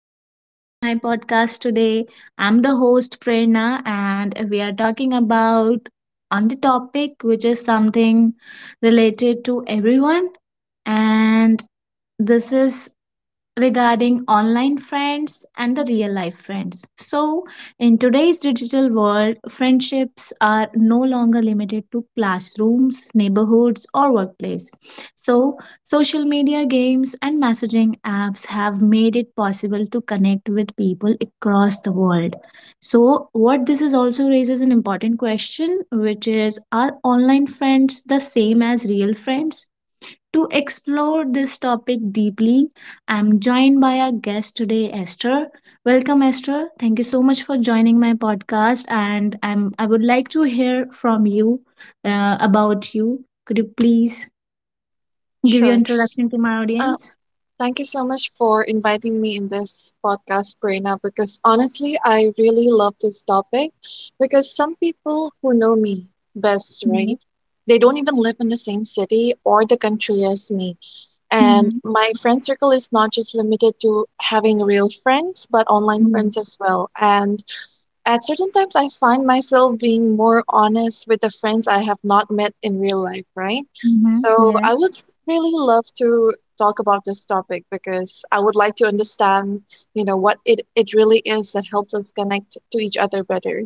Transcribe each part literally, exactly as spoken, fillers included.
and welcome to my podcast today. I'm the host, Prerna, and we are talking about on the topic which is something related to everyone. And this is regarding online friends and the real life friends. So, in today's digital world, friendships are no longer limited to classrooms, neighborhoods, or workplace. So, social media games and messaging apps have made it possible to connect with people across the world. So, what this is also raises an important question, which is, are online friends the same as real friends? To explore this topic deeply, I'm joined by our guest today, Esther. Welcome, Esther. Thank you so much for joining my podcast, and I'm I would like to hear from you uh, about you. Could you please give your Sure. introduction to my Uh, audience? Thank you so much for inviting me in this podcast, Prerna, because honestly, I really love this topic because some people who know me best, Yeah. right? They don't even live in the same city or the country as me. And Mm-hmm. my friend circle is not just limited to having real friends, but online friends Yeah. as well. And at certain times, I find myself being more honest with the friends I have not met in real life, right? So Mm-hmm. I would really love to talk about this topic because I would like to understand, you know, what it, it really is that helps us connect to each other better.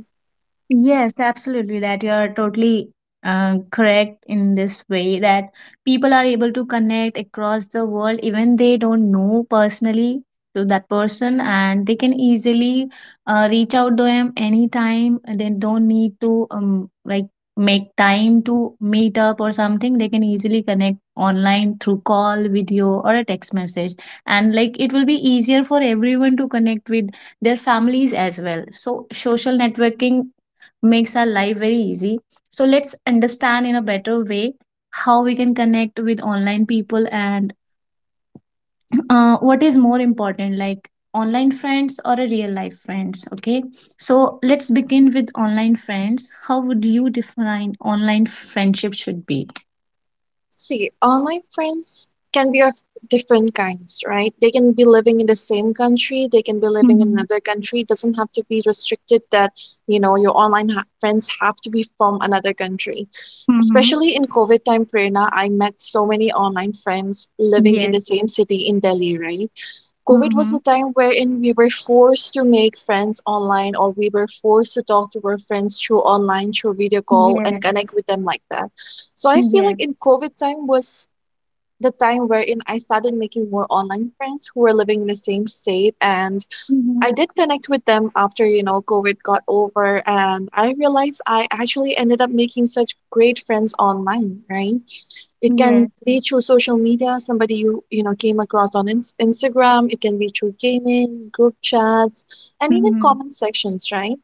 Yes, absolutely. That you are totally uh, correct in this way that people are able to connect across the world, even they don't know personally to that person, and they can easily uh, reach out to them anytime. And They don't need to um, like make time to meet up or something. They can easily connect online through call, video, or a text message, and like it will be easier for everyone to connect with their families as well. So social networking makes our life very easy. So let's understand in a better way how we can connect with online people, and uh, what is more important, like online friends or a real life friends. Okay, so let's begin with online friends. How would you define online friendship should be? See, online friends can be of different kinds, right? They can be living in the same country, they can be living in Mm-hmm. another country. It doesn't have to be restricted that, you know, your online ha friends have to be from another country. Mm-hmm. Especially in COVID time, Prerna, I met so many online friends living in Yes. the same city in Delhi, right? COVID was Mm-hmm. a time wherein we were forced to make friends online or we were forced to talk to our friends through online, through video call and Yes. connect with them like that. So I feel Yes. like in COVID time was the time wherein I started making more online friends who were living in the same state and Mm-hmm. I did connect with them after, you know, COVID got over and I realized I actually ended up making such great friends online, right? It Yes. can be through social media, somebody you you know came across on ins Instagram. It can be through gaming, group chats, and even Mm-hmm. comment sections, right?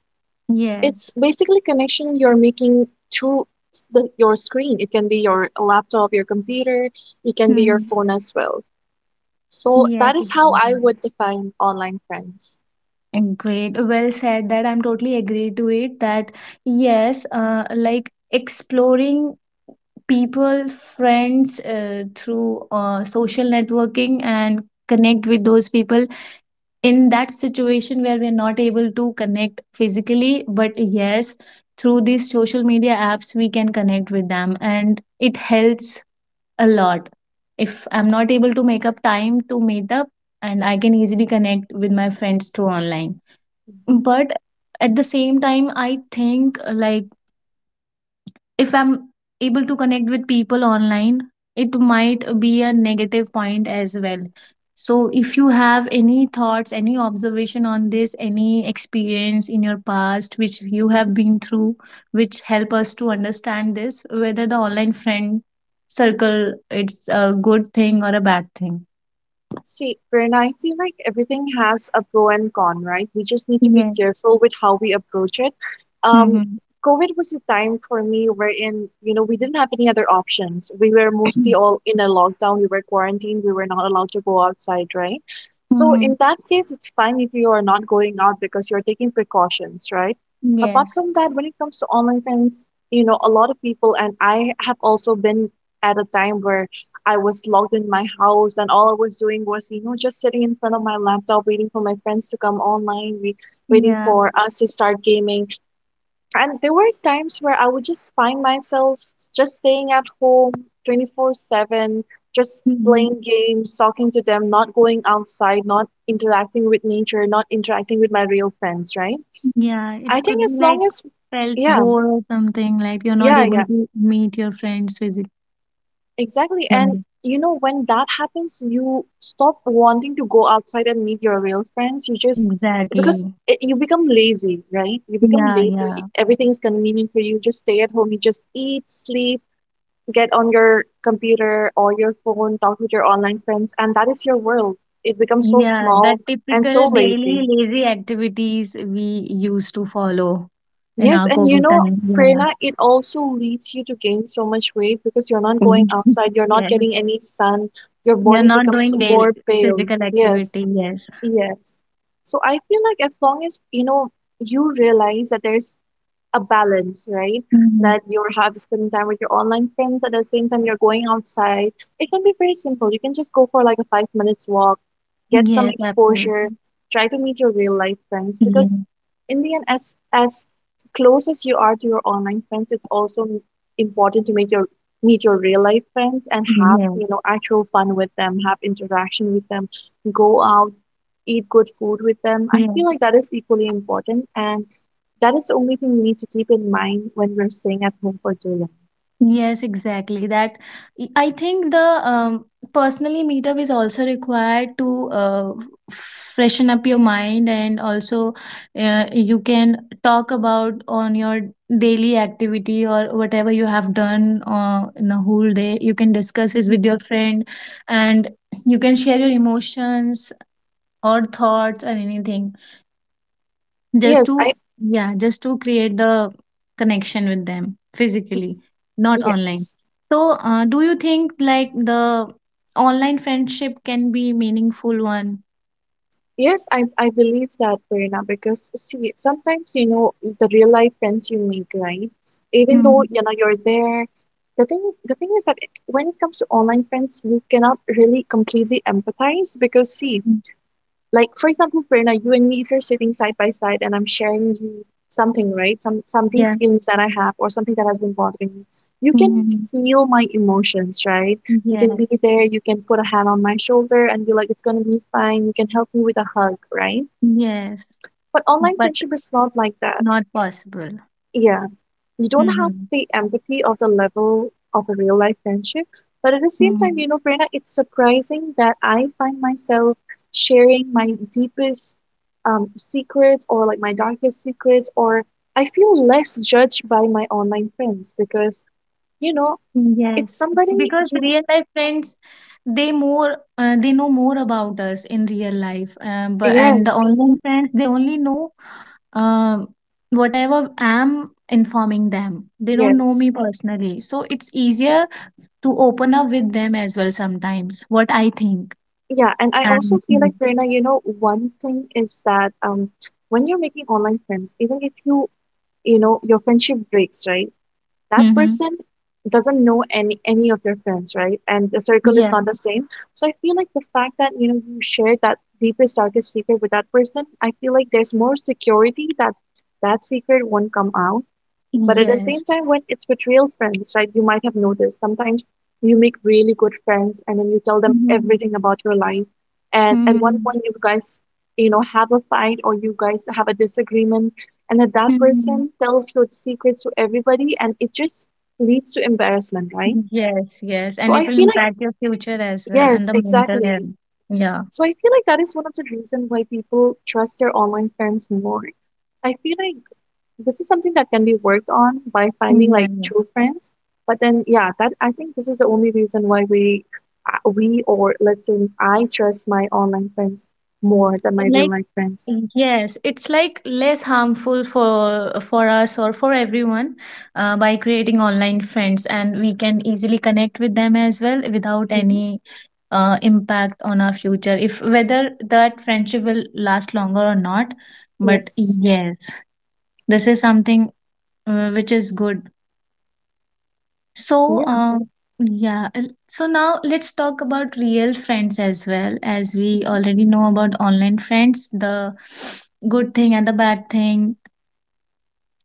It's Yes. basically connection you're making through s- the, your screen. It can be your laptop, your computer. It can be your Mm-hmm. phone as well. So Yes, that is how I exactly. would define online friends. Great. Well said. That I'm totally agree to it. That yes, uh, like exploring people, friends uh, through uh, social networking and connect with those people in that situation where we're not able to connect physically. But yes, through these social media apps, we can connect with them and it helps a lot. If I'm not able to make up time to meet up, and I can easily connect with my friends through online. But at the same time, I think uh, like if I'm able to connect with people online, it might be a negative point as well. So if you have any thoughts, any observation on this, any experience in your past which you Mhm. have been through, which help us to understand this whether the online friend circle, it's a good thing or a bad thing. See, Prerna, I feel like everything has a pro and con, right? We just need to be Yes. careful with how we approach it. Um, Mm-hmm. COVID was a time for me wherein, you know, we didn't have any other options. We were mostly all in a lockdown, we were quarantined, we were not allowed to go outside, right? So in that case, it's fine if you are not going out because you're taking precautions, right? Apart Yes. from that, when it comes to online friends, you know, a lot of people, and I have also been at a time where I was locked in my house and all I was doing was, you know, just sitting in front of my laptop waiting for my friends to come online, we, waiting Yeah. for us to start gaming. And there were times where I would just find myself just staying at home twenty-four seven, just Mm-hmm. playing games, talking to them, not going outside, not interacting with nature, not interacting with my real friends, right? Yeah, it I think could be as long like as felt yeah, bored or something, like you're not yeah, yeah. able to meet your friends physically. Exactly. Yeah, And you know, when that happens, you stop wanting to go outside and meet your real friends. You just, exactly. because it, you become lazy, right? You become Yeah, lazy. yeah. Everything is convenient for you. Just stay at home. You just eat, sleep, get on your computer or your phone, talk with your online friends, and that is your world. It becomes so Yeah, small that and typical so daily lazy. lazy activities we used to follow in Yes, our and you COVID know, time. Yeah. Prerna, it also leads you to gain so much weight because you're not going Mhm. outside, you're not Yes. getting any sun, your You're body not becomes doing daily more pale. physical activity. Yes, Yes. yes. So I feel like as long as you know you realize that there's a balance, right? Mhm. That you're have spending time with your online friends at the same time you're going outside. It can be very simple. You can just go for like a five minutes walk, get some Yes, exposure, absolutely. try to meet your real life friends Yeah. because in the end, as as close as you are to your online friends, it's also m- important to make your meet your real life friends and have Yeah. you know actual fun with them, have interaction with them, go out, eat good food with them. I Yeah. feel like that is equally important, and that is the only thing we need to keep in mind when we're staying at home for too long. Yes, exactly. That I think the um, personally meetup is also required to uh, freshen up your mind, and also uh, you can talk about on your daily activity or whatever you have done uh, in a whole day. You can discuss this Mhm. with your friend, and you can share your emotions or thoughts or anything, just to, Yes, I yeah, just to create the connection with them physically, not online. yes. So uh, do you think like the online friendship can be meaningful one? Yes, I I believe that, Prerna, because see, sometimes you know the real life friends you make, right? Even though Mm. you know you're there, the thing the thing is that it- when it comes to online friends, you cannot really completely empathize because see, like for example Prerna, you and me if you're sitting side by side and I'm sharing you something, right? Some some deep Yeah. feelings that I have or something that has been bothering me, you can Mhm. feel my emotions, right? You can be Yes. there, you can put a hand on my shoulder and be like it's going to be fine. You can help me with a hug, right? Yes, But online but friendship is not like that. not possible. Yeah, you don't have Mm-hmm. the empathy of the level of a real life friendship. But at the same time, you know, Prerna, it's surprising that I find myself sharing my deepest um, secrets or like my darkest secrets, or I feel less judged by my online friends because, you know, it's Yes, somebody because you, real life friends, they more uh, they know more about us in real life, um, but and the yes, online friends they only know um, whatever I'm informing them. They don't know yes. me personally, so it's easier to open up with them as well sometimes. What I think. Yeah, and I also And feel mm, like Prerna, you know, one thing is that um, when you're making online friends, even if you, you know, your friendship breaks, right? That mm-hmm. person doesn't know any any of your friends, right? And the circle is Yeah, not the same, so I feel like the fact that you know you share that deepest darkest secret with that person, I feel like there's more security that that secret won't come out. But at the yes, same time, when it's with real friends, right, you might have noticed sometimes you make really good friends and then you tell them mm-hmm. everything about your life. And at one Mm-hmm. point, you guys, you know, have a fight or you guys have a disagreement. And then that Mm-hmm. person tells your secrets to everybody and it just leads to embarrassment, right? Yes, yes, So and I it will feel like, impact your future as well, and yes, the mental exactly. health. Yeah. So I feel like that is one of the reasons why people trust their online friends more. I feel like this is something that can be worked on by finding like Yeah. true friends. But then, yeah, that I think this is the only reason why we, uh, we or let's say I trust my online friends more than my real Like, life friends. yes, it's like less harmful for for us or for everyone uh, by creating online friends, and we can easily connect with them as well without Hmm. any uh, impact on our future. If whether that friendship will last longer or not, but Yes. yes, this is something uh, which is good. So, Yeah. um, yeah, l- so now let's talk about real friends as well. As we Hmm. already know about online friends, the good thing and the bad thing.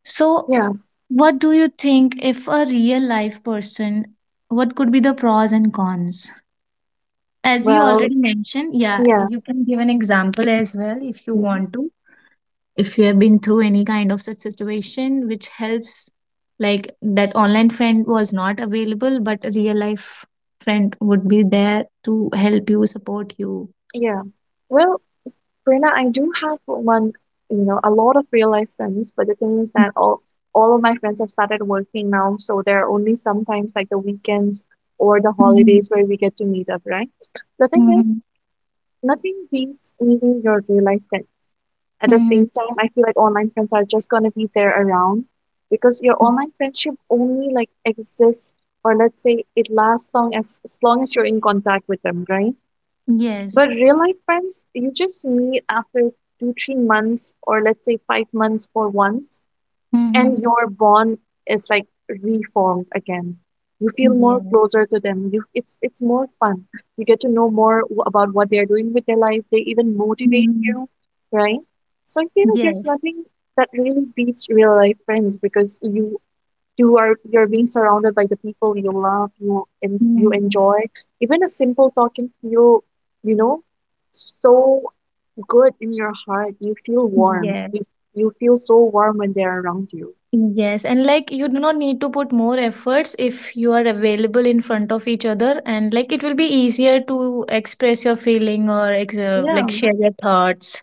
So, Yeah. what do you think if a real life person, what could be the pros and cons? As you Well. already mentioned, yeah, Yeah. you can give an example as well if you Hmm. want to, if you have been through any kind of such situation which helps, like that online friend was not available but a real life friend would be there to help you, support you. Yeah. Well, Prerna, I do have one, you know, a lot of real life friends, but the thing is that all all of my friends have started working now, so there are only sometimes like the weekends or the Mm-hmm. holidays where we get to meet up, right? The thing is, Mm-hmm. nothing beats meeting your real life friend. At the Mm-hmm. same time, I feel like online friends are just gonna be there around because your online friendship only like exists or let's say it lasts long as as long as you're in contact with them, right? Yes. But real life friends, you just meet after two, three months, or let's say five months for once, Mm-hmm. and your bond is like reformed again. You feel more Yeah. closer to them. You, it's it's more fun. You get to know more w- about what they're doing with their life. They even motivate Mm-hmm. you, right? So you know, there's Yes. nothing that really beats real life friends because you you are you're being surrounded by the people you love you and you Mm-hmm. enjoy. Even a simple talk can feel you know so good in your heart. You feel warm, you, you feel so warm when they're around you. Yes, and like you do not need to put more efforts if you are available in front of each other, and like it will be easier to express your feeling or ex- uh, Yeah, like share your thoughts.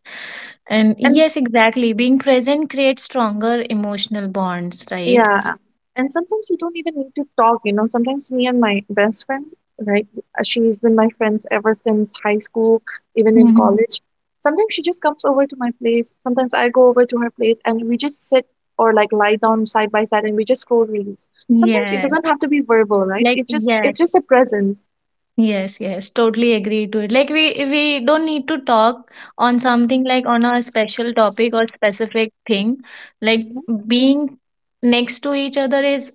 And and yes, exactly. Being present creates stronger emotional bonds, right? yeah, and sometimes you don't even need to talk, you know. Sometimes me and my best friend, right? uh, She's been my friends ever since high school, even in Hmm. college. Sometimes she just comes over to my place. Sometimes I go over to her place and we just sit or like lie down side by side and we just scroll reels. Sometimes it Yeah, doesn't have to be verbal, right? like, It's just yeah. it's just a presence. Yes, yes, totally agree to it. Like we we don't need to talk on something like on a special topic or specific thing. Like Hmm. being next to each other is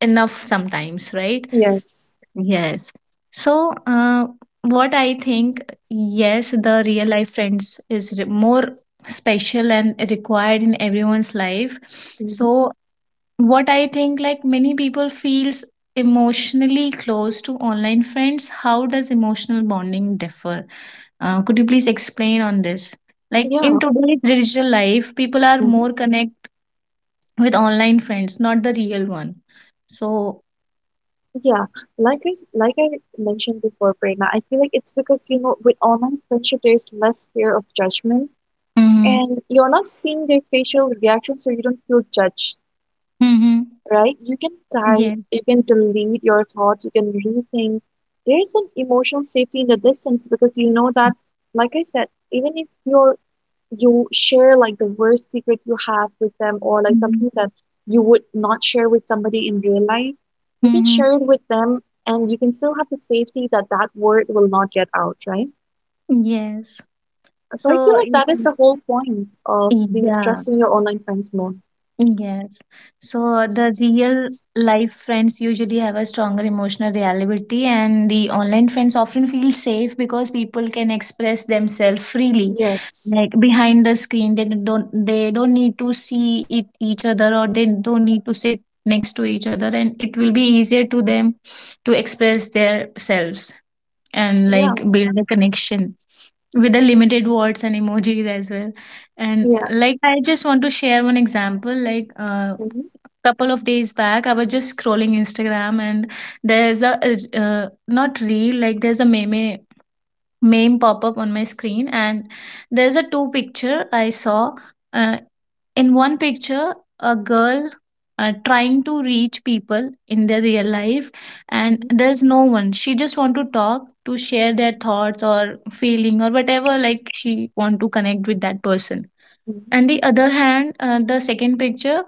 enough sometimes, right? Yes. Yes. So, uh, what I think, yes, the real life friends is re- more special and required in everyone's life. Hmm. So, what I think like many people feels emotionally close to online friends. How does emotional bonding differ? Uh, could you please explain on this? Like in Yeah. today's digital life, people are Mm-hmm. more connect with online friends, not the real one. So, Yeah, like I s- like I mentioned before, Prerna, I feel like it's because you know with online friendship there's less fear of judgment, mm-hmm. and you're not seeing their facial reactions, so you don't feel judged, Mm-hmm. right? You can type, Yeah. you can delete your thoughts, you can rethink. There's an emotional safety in the distance because you know that, like I said, even if you're you share like the worst secret you have with them or like Mm-hmm. something that you would not share with somebody in real life, you can Mm-hmm. share it with them and you can still have the safety that that word will not get out, right? Yes. So I So, feel like y- that is y- the whole point of being yeah. trusting your online friends more. Yes. So the real life friends usually have a stronger emotional reliability, and the online friends often feel safe because people can express themselves freely. Yes. Like behind the screen, they don't they don't need to see it, each other, or they don't need to sit next to each other, and it will be easier to them to express their selves and Yeah. like build a connection with the limited words and emojis as well. And Yeah. like I just want to share one example. Like a uh, Mm-hmm. couple of days back, I was just scrolling Instagram, and there's a uh, uh, not real, like there's a meme name pop up on my screen, and there's a two picture I saw. uh, in one picture, a girl uh, trying to reach people in their real life, and Mm-hmm. there's no one. She just want to talk, to share their thoughts or feeling or whatever, like she want to connect with that person. Mm-hmm. And the other hand, uh, the second picture,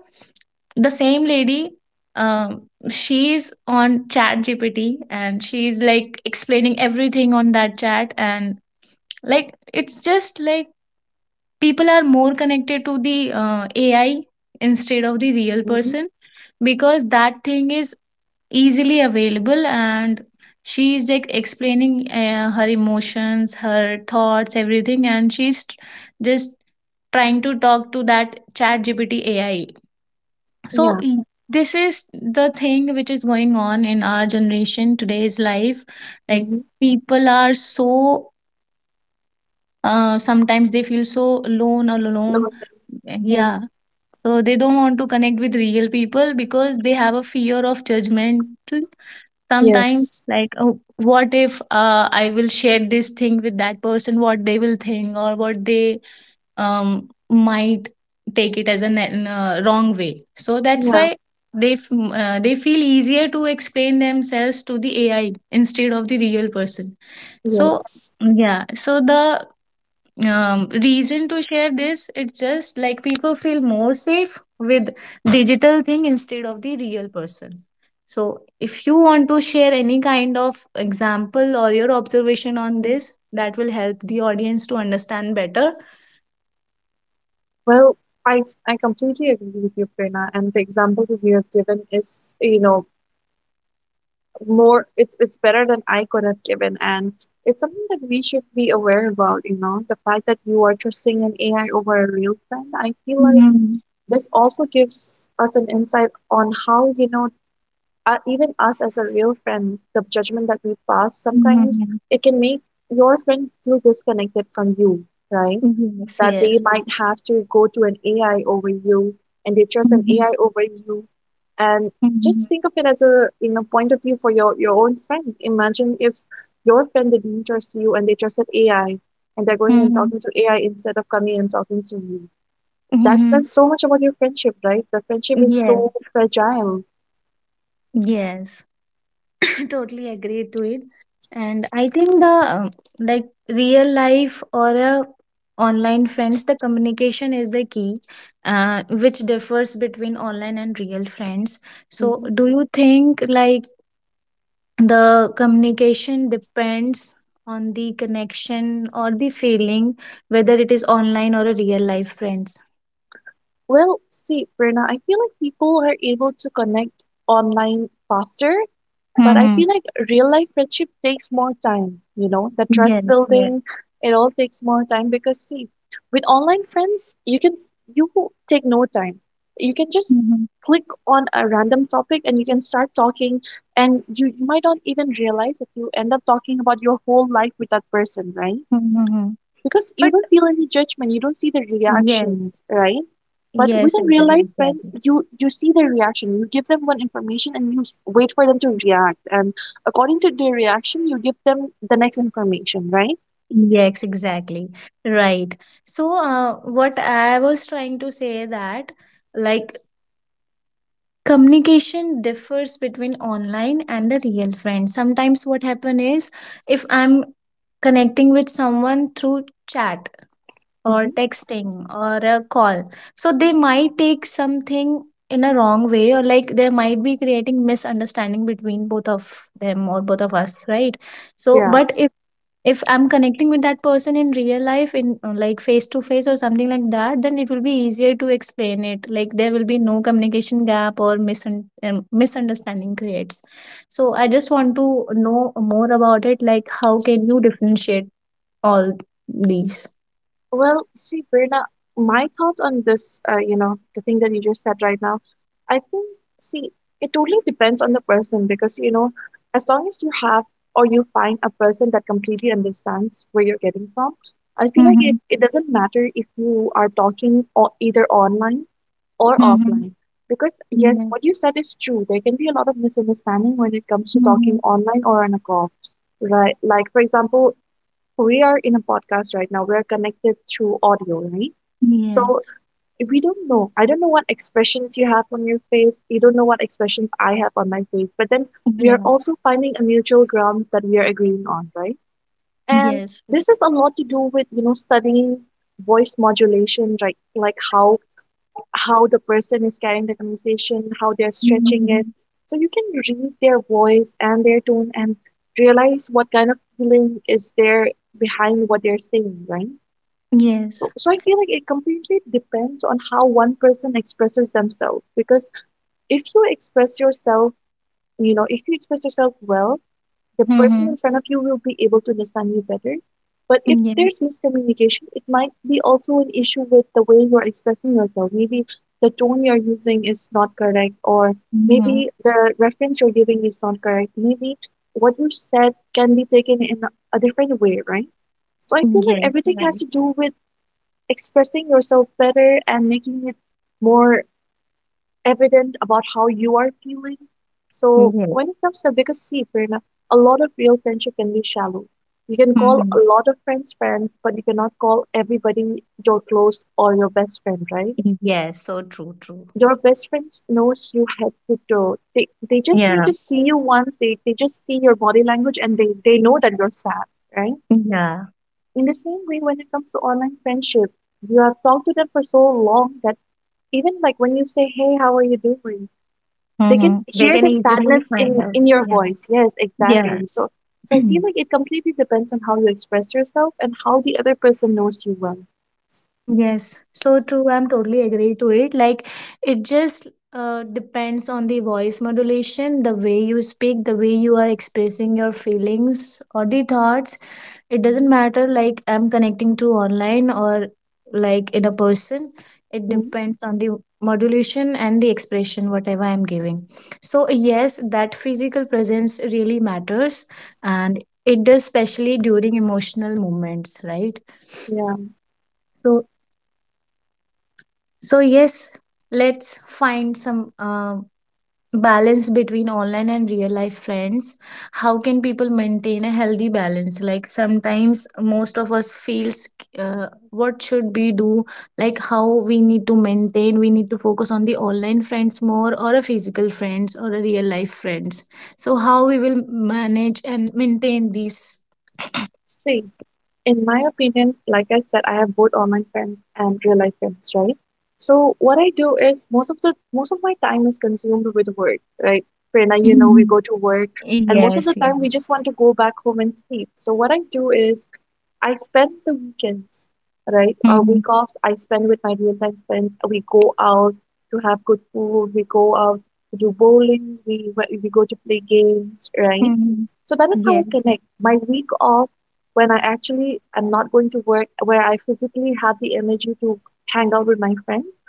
the same lady, um, she's on Chat GPT, and she's like explaining everything on that chat. And like it's just like people are more connected to the uh, A I instead of the real Mm-hmm. person, because that thing is easily available, and she is like explaining uh, her emotions, her thoughts, everything, and she's tr- just trying to talk to that Chat GPT AI. Yeah. so y- this is the thing which is going on in our generation, today's life. Like Mm-hmm. people are so, uh, sometimes they feel so alone or alone. Lovely. Yeah. Yeah. So they don't want to connect with real people because they have a fear of judgment. Sometimes, Yes. like, oh, what if uh, I will share this thing with that person, what they will think, or what they um, might take it as a ne- n- uh, wrong way. So that's Yeah. why they f- uh, they feel easier to explain themselves to the A I instead of the real person. So, Yes. yeah, so the um, reason to share this, it's just like people feel more safe with digital thing instead of the real person. So if you want to share any kind of example or your observation on Mm-hmm. this, that will help the audience to understand better. Well, I I completely agree with you, Prerna, and the example that you have given is, you know, more it's it's better than I could have given, and it's something that we should be aware about, you know, the fact that you are trusting an A I over a real friend. I feel like Mhm. this also gives us an insight on how, you know, uh, even us as a real friend, the judgment that we pass sometimes Mhm. it can make your friend feel disconnected from you, right? Yes. That they Yes. might have to go to an A I over you and they trust an Mhm. A I over you. And Mhm. just think of it as a, you know, point of view for your your own friend. Imagine if your friend didn't trust you and they trusted A I and they're going and Mhm. talking to A I instead of coming and talking to you. That says Mhm. so much about your friendship, right? The friendship is Yes. so fragile. Yes. Totally agree to it. And I think the um, like real life or a online friends, the communication is the key uh, which differs between online and real friends. So hmm do you think like the communication depends on the connection or the feeling, whether it is online or a real life friends? Well, see, Prerna, I feel like people are able to connect online faster. But I Mm-hmm. feel like real life friendship takes more time, you know, the Yes. trust Yes. building, it all takes more time because see, with online friends, you can you take no time. You can just Mm-hmm. click on a random topic and you can start talking and you, you might not even realize that you end up talking about your whole life with that person, right? Mm-hmm. Because you But don't feel any judgment, you don't see the yes. reactions, right? But with Yes, a real agree, life friend, exactly. you you see their reaction, you give them one information and you s- wait for them to react, and according to their reaction you give them the next information, right? Yes, exactly. Right. So, uh, what I was trying to say, that like communication differs between online and the real friend. Sometimes what happen is, if I'm connecting with someone through chat or hmm texting or a call, so they might take something in a wrong way, or like there might be creating misunderstanding between both of them or both of us, right? So, yeah. but if I'm connecting with that person in real life, in uh, like face to face or something like that, then it will be easier to explain it. Like, there will be no communication gap or misun- um, misunderstanding creates. So I just want to know more about it, like how can you differentiate all these. Well, see, Verna, my thought on this, uh, you know, the thing that you just said right now, I think, see, it totally depends on the person because, you know, as long as you have or you find a person that completely understands where you're getting from, I feel like it, Mm-hmm. it doesn't matter if you are talking or either online or Mm-hmm. offline. Because, yes, Yes. what you said is true. There can be a lot of misunderstanding when it comes to talking Mm-hmm. online or on a call, right? Like, for example, we are in a podcast right now. We are connected through audio, right? So Yes. we don't know. I don't know what expressions you have on your face. You don't know what expressions I have on my face. But then we are Yeah. also finding a mutual ground that we are agreeing on, right? And Yes. this is a lot to do with, you know, studying voice modulation, right? Like how how the person is carrying the conversation, how they're stretching it. Mm-hmm. So you can read their voice and their tone and realize what kind of feeling is there behind what they're saying, right? Yes. So, so I feel like it completely depends on how one person expresses themselves. Because if you express yourself, you know, if you express yourself well, the person Mm-hmm. in front of you will be able to understand you better. But if Yes. there's miscommunication, it might be also an issue with the way you're expressing yourself. Maybe the tone you're using is not correct, or Mm-hmm. maybe the reference you're giving is not correct. Maybe what you said can be taken in a different way, right? So I feel like Yes. everything has Right. to do with expressing yourself better and making it more evident about how you are feeling. So Yes. when it comes to because see, Prerna, a lot of real friendship can be shallow. You can call a Mm-hmm. lot of friends friends, but you cannot call everybody your close or your best friend, right? Yes, so true, true. Your best friend knows you head to toe. They they just need Yeah, to see you once. They they just see your body language and they they know that you're sad, right? yeah. In the same way, when it comes to online friendship, you have talked to them for so long that even like when you say, "Hey, how are you doing?" they can Mm-hmm. They hear can the easily sadness find in out. in your Yeah, voice. Yes, yeah. exactly. So so I feel like it completely depends on how you express yourself and how the other person knows you well. Yes, so true. I'm totally agree to it. Like, it just uh, depends on the voice modulation, the way you speak, the way you are expressing your feelings or the thoughts. It Mhm. doesn't matter, like I'm connecting to online or like in a person. It Mhm. depends on the modulation and the expression whatever I'm giving. So yes, that physical presence really matters, and it does, especially during emotional moments, right? Yeah, So, so yes, let's find some um balance between online and real life friends. How can people maintain a healthy balance? Like sometimes most of us feels, uh, what should we do? Like how we need to maintain, we need to focus on the online friends more or a physical friends or a real life friends. So how we will manage and maintain these. see, in my opinion, like I said, I have both online friends and real life friends, right? So what I do is most of the most of my time is consumed with work, right? Prerna, you know, we Mhm. go to work and most of Yes, the yes. time we just want to go back home and sleep. So what I do is I spend the weekends, right, or Hmm. week offs I spend with my real life friends. We go out to have good food. We go out to do bowling. We we go to play games, right? Hmm. So that is how I Yes. connect. My week off, when I actually am not going to work, where I physically have the energy to hang out with my friends,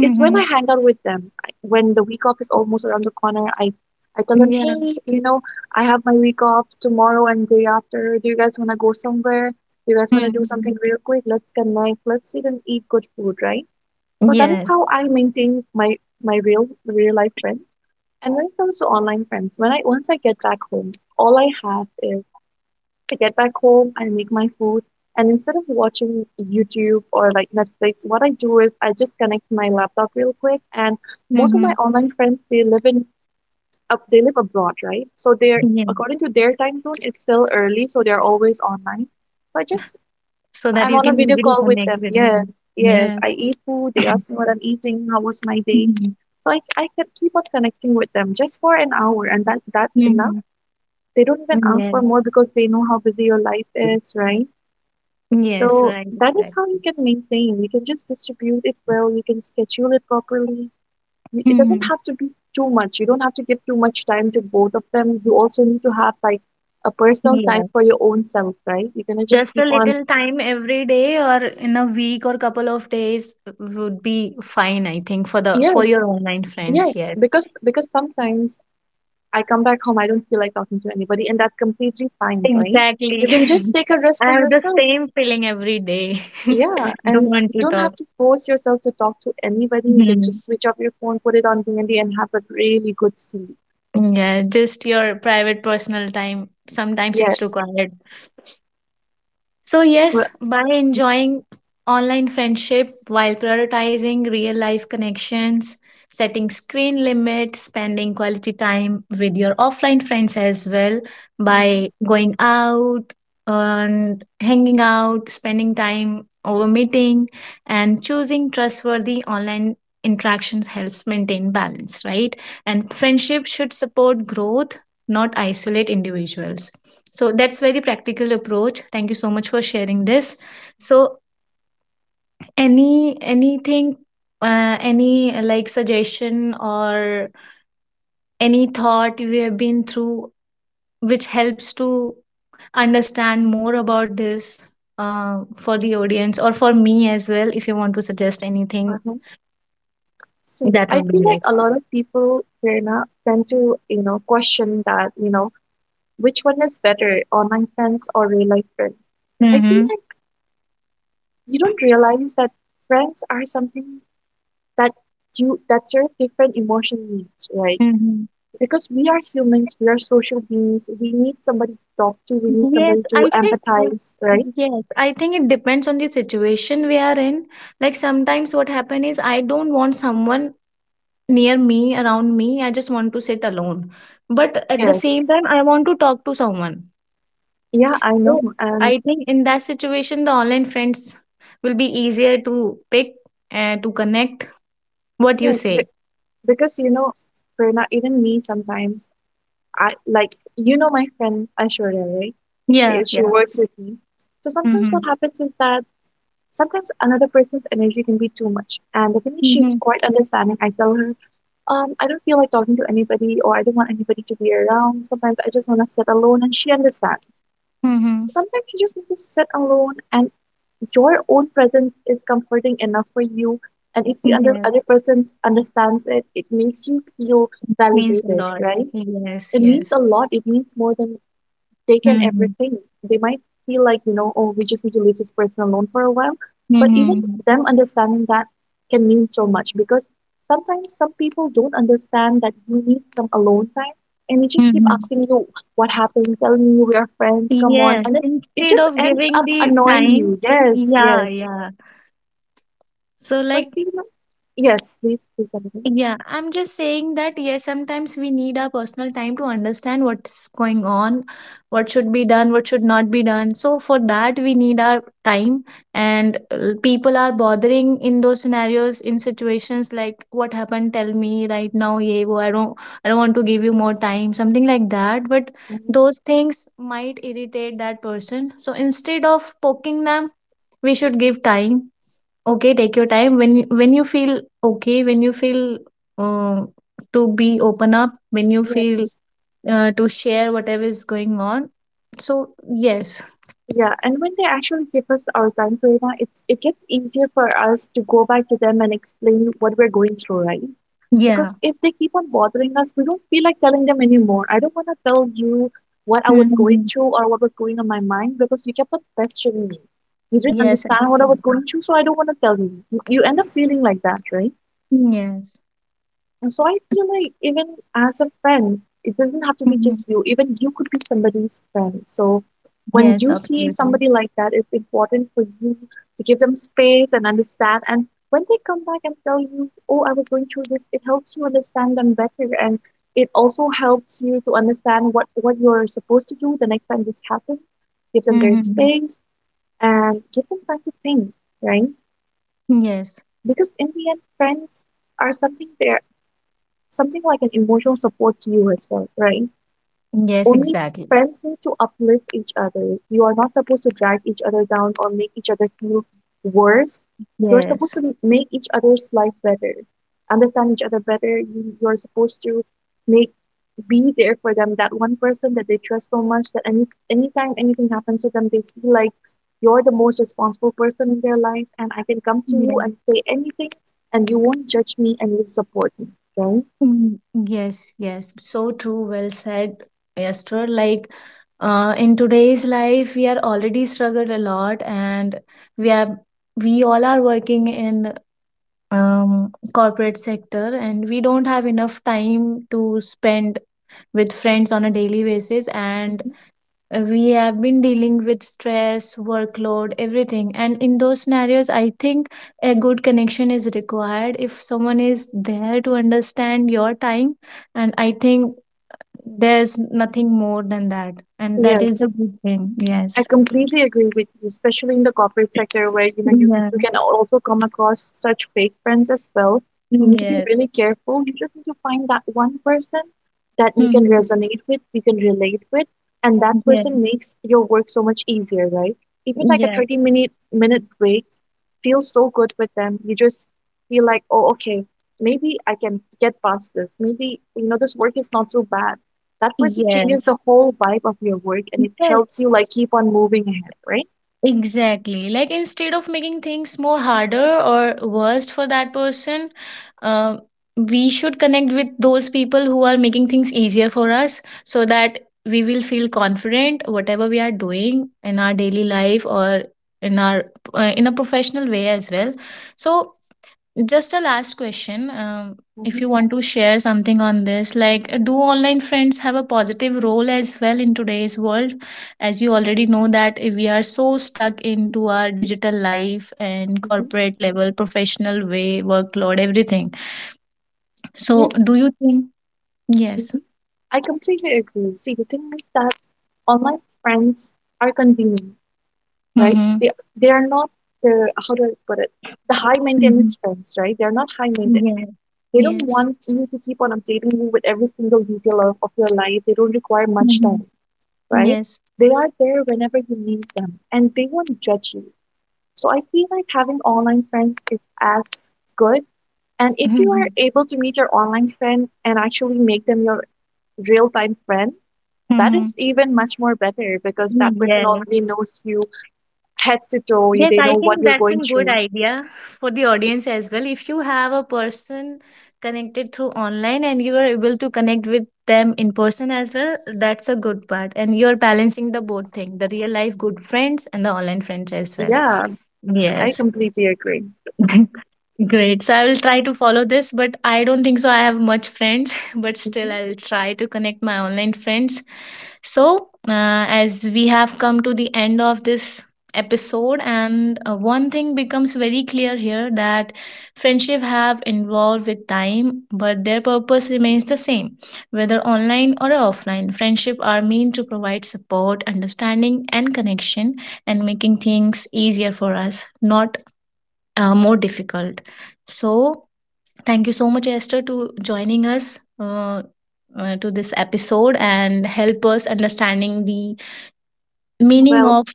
is when I hang out with them. I- When the week off is almost around the corner, I I tell them, Yeah. hey, you know, I have my week off tomorrow and day after. Do you guys want to go somewhere? Do you guys want to do something Hmm. real quick? Let's connect. Let's sit and eat good food, right? So that is Yes. how I maintain my my real real life friends. And when it comes to online friends, when I once I get back home, all I have is I get back home, I make my food, and instead of watching YouTube or like Netflix, what I do is I just connect my laptop real quick. And most of my Hmm. online friends, they live in up they live abroad, right? So they're Yeah. according to their time zone, it's still early, so they're always online. So I just So that I'm you on a can video easily call with connect them. with Yeah, them. yes, Yeah. I eat food. They ask me what I'm eating, how was my day. Mhm. So I I can keep on connecting with them just for an hour, and that that's enough. Mhm. They don't even ask Yeah. for more because they know how busy your life is, right? Yes, So right, that is how exactly. you can maintain. You can just distribute it well. You can schedule it properly. You- It doesn't Hmm. have to be too much. You don't have to give too much time to both of them. You also need to have like a personal time Yeah. for your own self, right? You're gonna just Just a keep on. little time every day or in a week or couple of days would be fine, I think, for the for Yes, your online friends, yes, yes. because because sometimes I come back home, I don't feel like talking to anybody, and that's completely fine, right? Exactly. You can just take a rest I for have the yourself. same feeling every day. Yeah, Don't and want you to don't talk. have to force yourself to talk to anybody. You can Mhm. just switch off your phone, put it on D N D, and D, and have a really good sleep. Yeah, just your private personal time. Sometimes it's Yes. required. So, Well, yes, by enjoying online friendship while prioritizing real life connections, setting screen limits, spending quality time with your offline friends as well, um, by going out and hanging out, spending time over meeting, and choosing trustworthy online interactions helps maintain balance, right? And friendship should support growth, not isolate individuals. So that's very practical approach. Thank you so much for sharing this. So, any anything, uh, any uh, like suggestion or any thought you have been through which helps to understand more about this, uh, for the audience or for me as well, if you want to suggest anything. uh-huh. See, That I would feel be like great. a lot of people, Prerna, tend to, you know, question that, you know, which one is better, online friends or real life friends. I feel Mm-hmm. like you don't realize that friends are something that you that serve different emotional needs, right? Mm-hmm. Because we are humans, we are social beings, we need somebody to talk to, we need somebody Yes, to I think I, empathize, right? yes, I think it depends on the situation we are in. Like sometimes what happen is, I don't want someone near me, around me. I just want to sit alone. But at the same Yes. time, I want to talk to someone. Yeah, I So know. And I think in that situation, the online friends will be easier to pick and to connect. What you yes, be say? because you know, Prerna, even me sometimes, I like you know my friend Ashwarya, right? She Yeah, she yeah. works with me. So sometimes what Mm-hmm. happens is that sometimes another person's energy can be too much. And the thing is, she's Mm-hmm. quite understanding. I tell her, um, I don't feel like talking to anybody, or I don't want anybody to be around. Sometimes I just want to sit alone, and she understands. Mm-hmm. Sometimes you just need to sit alone, and your own presence is comforting enough for you. And if the other Yes, other person understands it, it makes you feel means a validated, lot. right? Yes, It means yes. a lot. It means more than taken Mm-hmm. everything. They might feel like, you know, oh, we just need to leave this person alone for a while. But even them understanding that can mean so much because sometimes some people don't understand that you need some alone time and they just keep Mm-hmm. asking you what happened, telling you we are friends, come on. Yes, And then it instead just of ends giving up the annoying time. you. Yes, Yeah, yes. yeah. So, So I like, feel like, yes, please, please, something. yeah, I'm just saying that, yes, sometimes we need our personal time to understand what's going on, what should be done, what should not be done. So, for that, we need our time. And uh, people are bothering in those scenarios, in situations like, what happened? Tell me right now. Yeah, wo. I don't, I don't want to give you more time, something like that. But those things might irritate that person. So, instead of poking them, we should give time. Okay, take your time. When when you feel okay, when you feel um, to be open up, when you feel Yes. uh, to share whatever is going on. So yes. Yeah, and when they actually give us our time, Prerna, it's it gets easier for us to go back to them and explain what we're going through, right? Yeah. Because if they keep on bothering us, we don't feel like telling them anymore. I don't want to tell you what I was going Mhm. through or what was going on my mind because you kept on questioning me. You didn't Yes, understand what I absolutely. was going through, so I don't want to tell you. You, you end up feeling like that, right? Yes. And so I feel like even as a friend, it doesn't have to be Mhm. just you. Even you could be somebody's friend. So when Yes, you see absolutely. somebody like that, it's important for you to give them space and understand. And when they come back and tell you, "Oh, I was going through this," it helps you understand them better, and it also helps you to understand what what you're supposed to do the next time this happens. Give them their Mhm. space and give them time to think, right? Yes. Because in the end, friends are something there something like an emotional support to you as well, right? Yes, Only exactly. friends need to uplift each other. You are not supposed to drag each other down or make each other feel worse. You're Yes. supposed to make each other's life better, understand each other better. You, you're supposed to make be there for them. That one person that they trust so much that any anytime anything happens to them, they feel like you're the most responsible person in their life, and I can come to you Yes. and say anything, and you won't judge me and you'll support me, right? Mm, yes, yes, so true. Well said, Esther. Like, uh, in today's life, we are already struggled a lot, and we are we all are working in um corporate sector, and we don't have enough time to spend with friends on a daily basis, and we have been dealing with stress workload everything, and in those scenarios I think a good connection is required if someone is there to understand your time. And I think there's nothing more than that, and that is the Yes, good thing. I Yes. completely agree with you, especially in the corporate sector where you know you, you Yeah. can also come across such fake friends as well. You need to be Yes. really careful. You just need to find that one person that you can Mhm. resonate with, you can relate with, and that person Yes, makes your work so much easier, right? Even like a yes. thirty minute minute break feels so good with them. You just feel like, oh, okay, maybe I can get past this. Maybe, you know, this work is not so bad that person changes Yes, the whole vibe of your work and it yes. helps you like keep on moving ahead, right? Exactly. Like instead of making things more harder or worse for that person, uh, we should connect with those people who are making things easier for us so that we will feel confident whatever we are doing in our daily life or in our uh, in a professional way as well. So just a last question. Um, if you hmm want to share something on this, like uh, do online friends have a positive role as well in today's world? As you already know that uh, we are so stuck into our digital life and hmm corporate level, professional way, workload, everything. So Yes, do you think? Yes. mhm. I completely agree. See, the thing is that online friends are convenient, right? Mm-hmm. They they are not the how do I put it? The high Mm-hmm. maintenance friends, right? They're not high maintenance. Yes. They don't Yes. want you to keep on updating you with every single detail of, of your life. They don't require much time, Mm-hmm. right? Yes. They are there whenever you need them and they won't judge you. So I feel like having online friends is as good. And if you are Mm-hmm. able to meet your online friend and actually make them your real time friend, that is Mm-hmm. even much more better because that person Yes. already knows you head to toe. Yes, They I know what think you're that's a going good through. idea for the audience as well. If you have a person connected through online and you are able to connect with them in person as well, that's a good part. And you're balancing the both thing, the real life good friends and the online friends as well. Yeah, I Yes. completely agree. Great. So I will try to follow this, but I don't think so, I have much friends. But still hmm I'll try to connect my online friends. So, uh, as we have come to the end of this episode, and uh, one thing becomes very clear here, that friendship have evolved with time, but their purpose remains the same. Whether online or offline, friendship are meant to provide support, understanding and connection, and making things easier for us, not uh, more difficult. So thank you so much, Esther, to joining us uh, uh, to this episode and help us understanding the meaning Well, of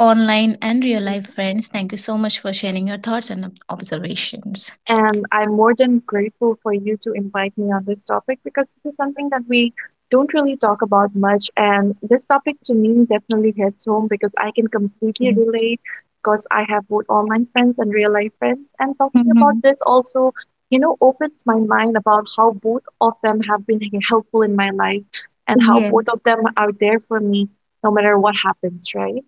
online and real life friends. Thank you so much for sharing your thoughts and ob- observations. and I'm more than grateful for you to invite me on this topic because this is something that we don't really talk about much. And this topic to me definitely hits home because I can completely Yes. relate because I have both online friends and real life friends. And talking about Mhm. this also, you know, opens my mind about how both of them have been helpful in my life and how Yeah. both of them are there for me no matter what happens, right?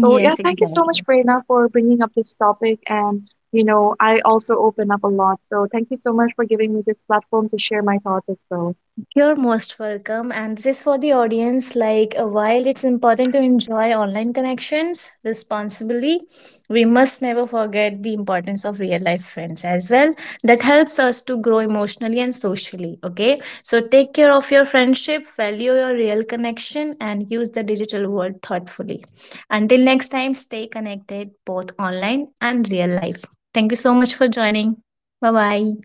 So yeah, thank you so exactly. much, Prerna, for bringing up this topic. And you know, I also open up a lot. So thank you so much for giving me this platform to share my thoughts as well. You're most welcome. And this is for the audience. Like, uh, while it's important to enjoy online connections responsibly, we must never forget the importance of real life friends as well. That helps us to grow emotionally and socially. Okay. So, take care of your friendship, value your real connection, and use the digital world thoughtfully. Until next time, stay connected both online and real life. Thank you so much for joining. Bye bye.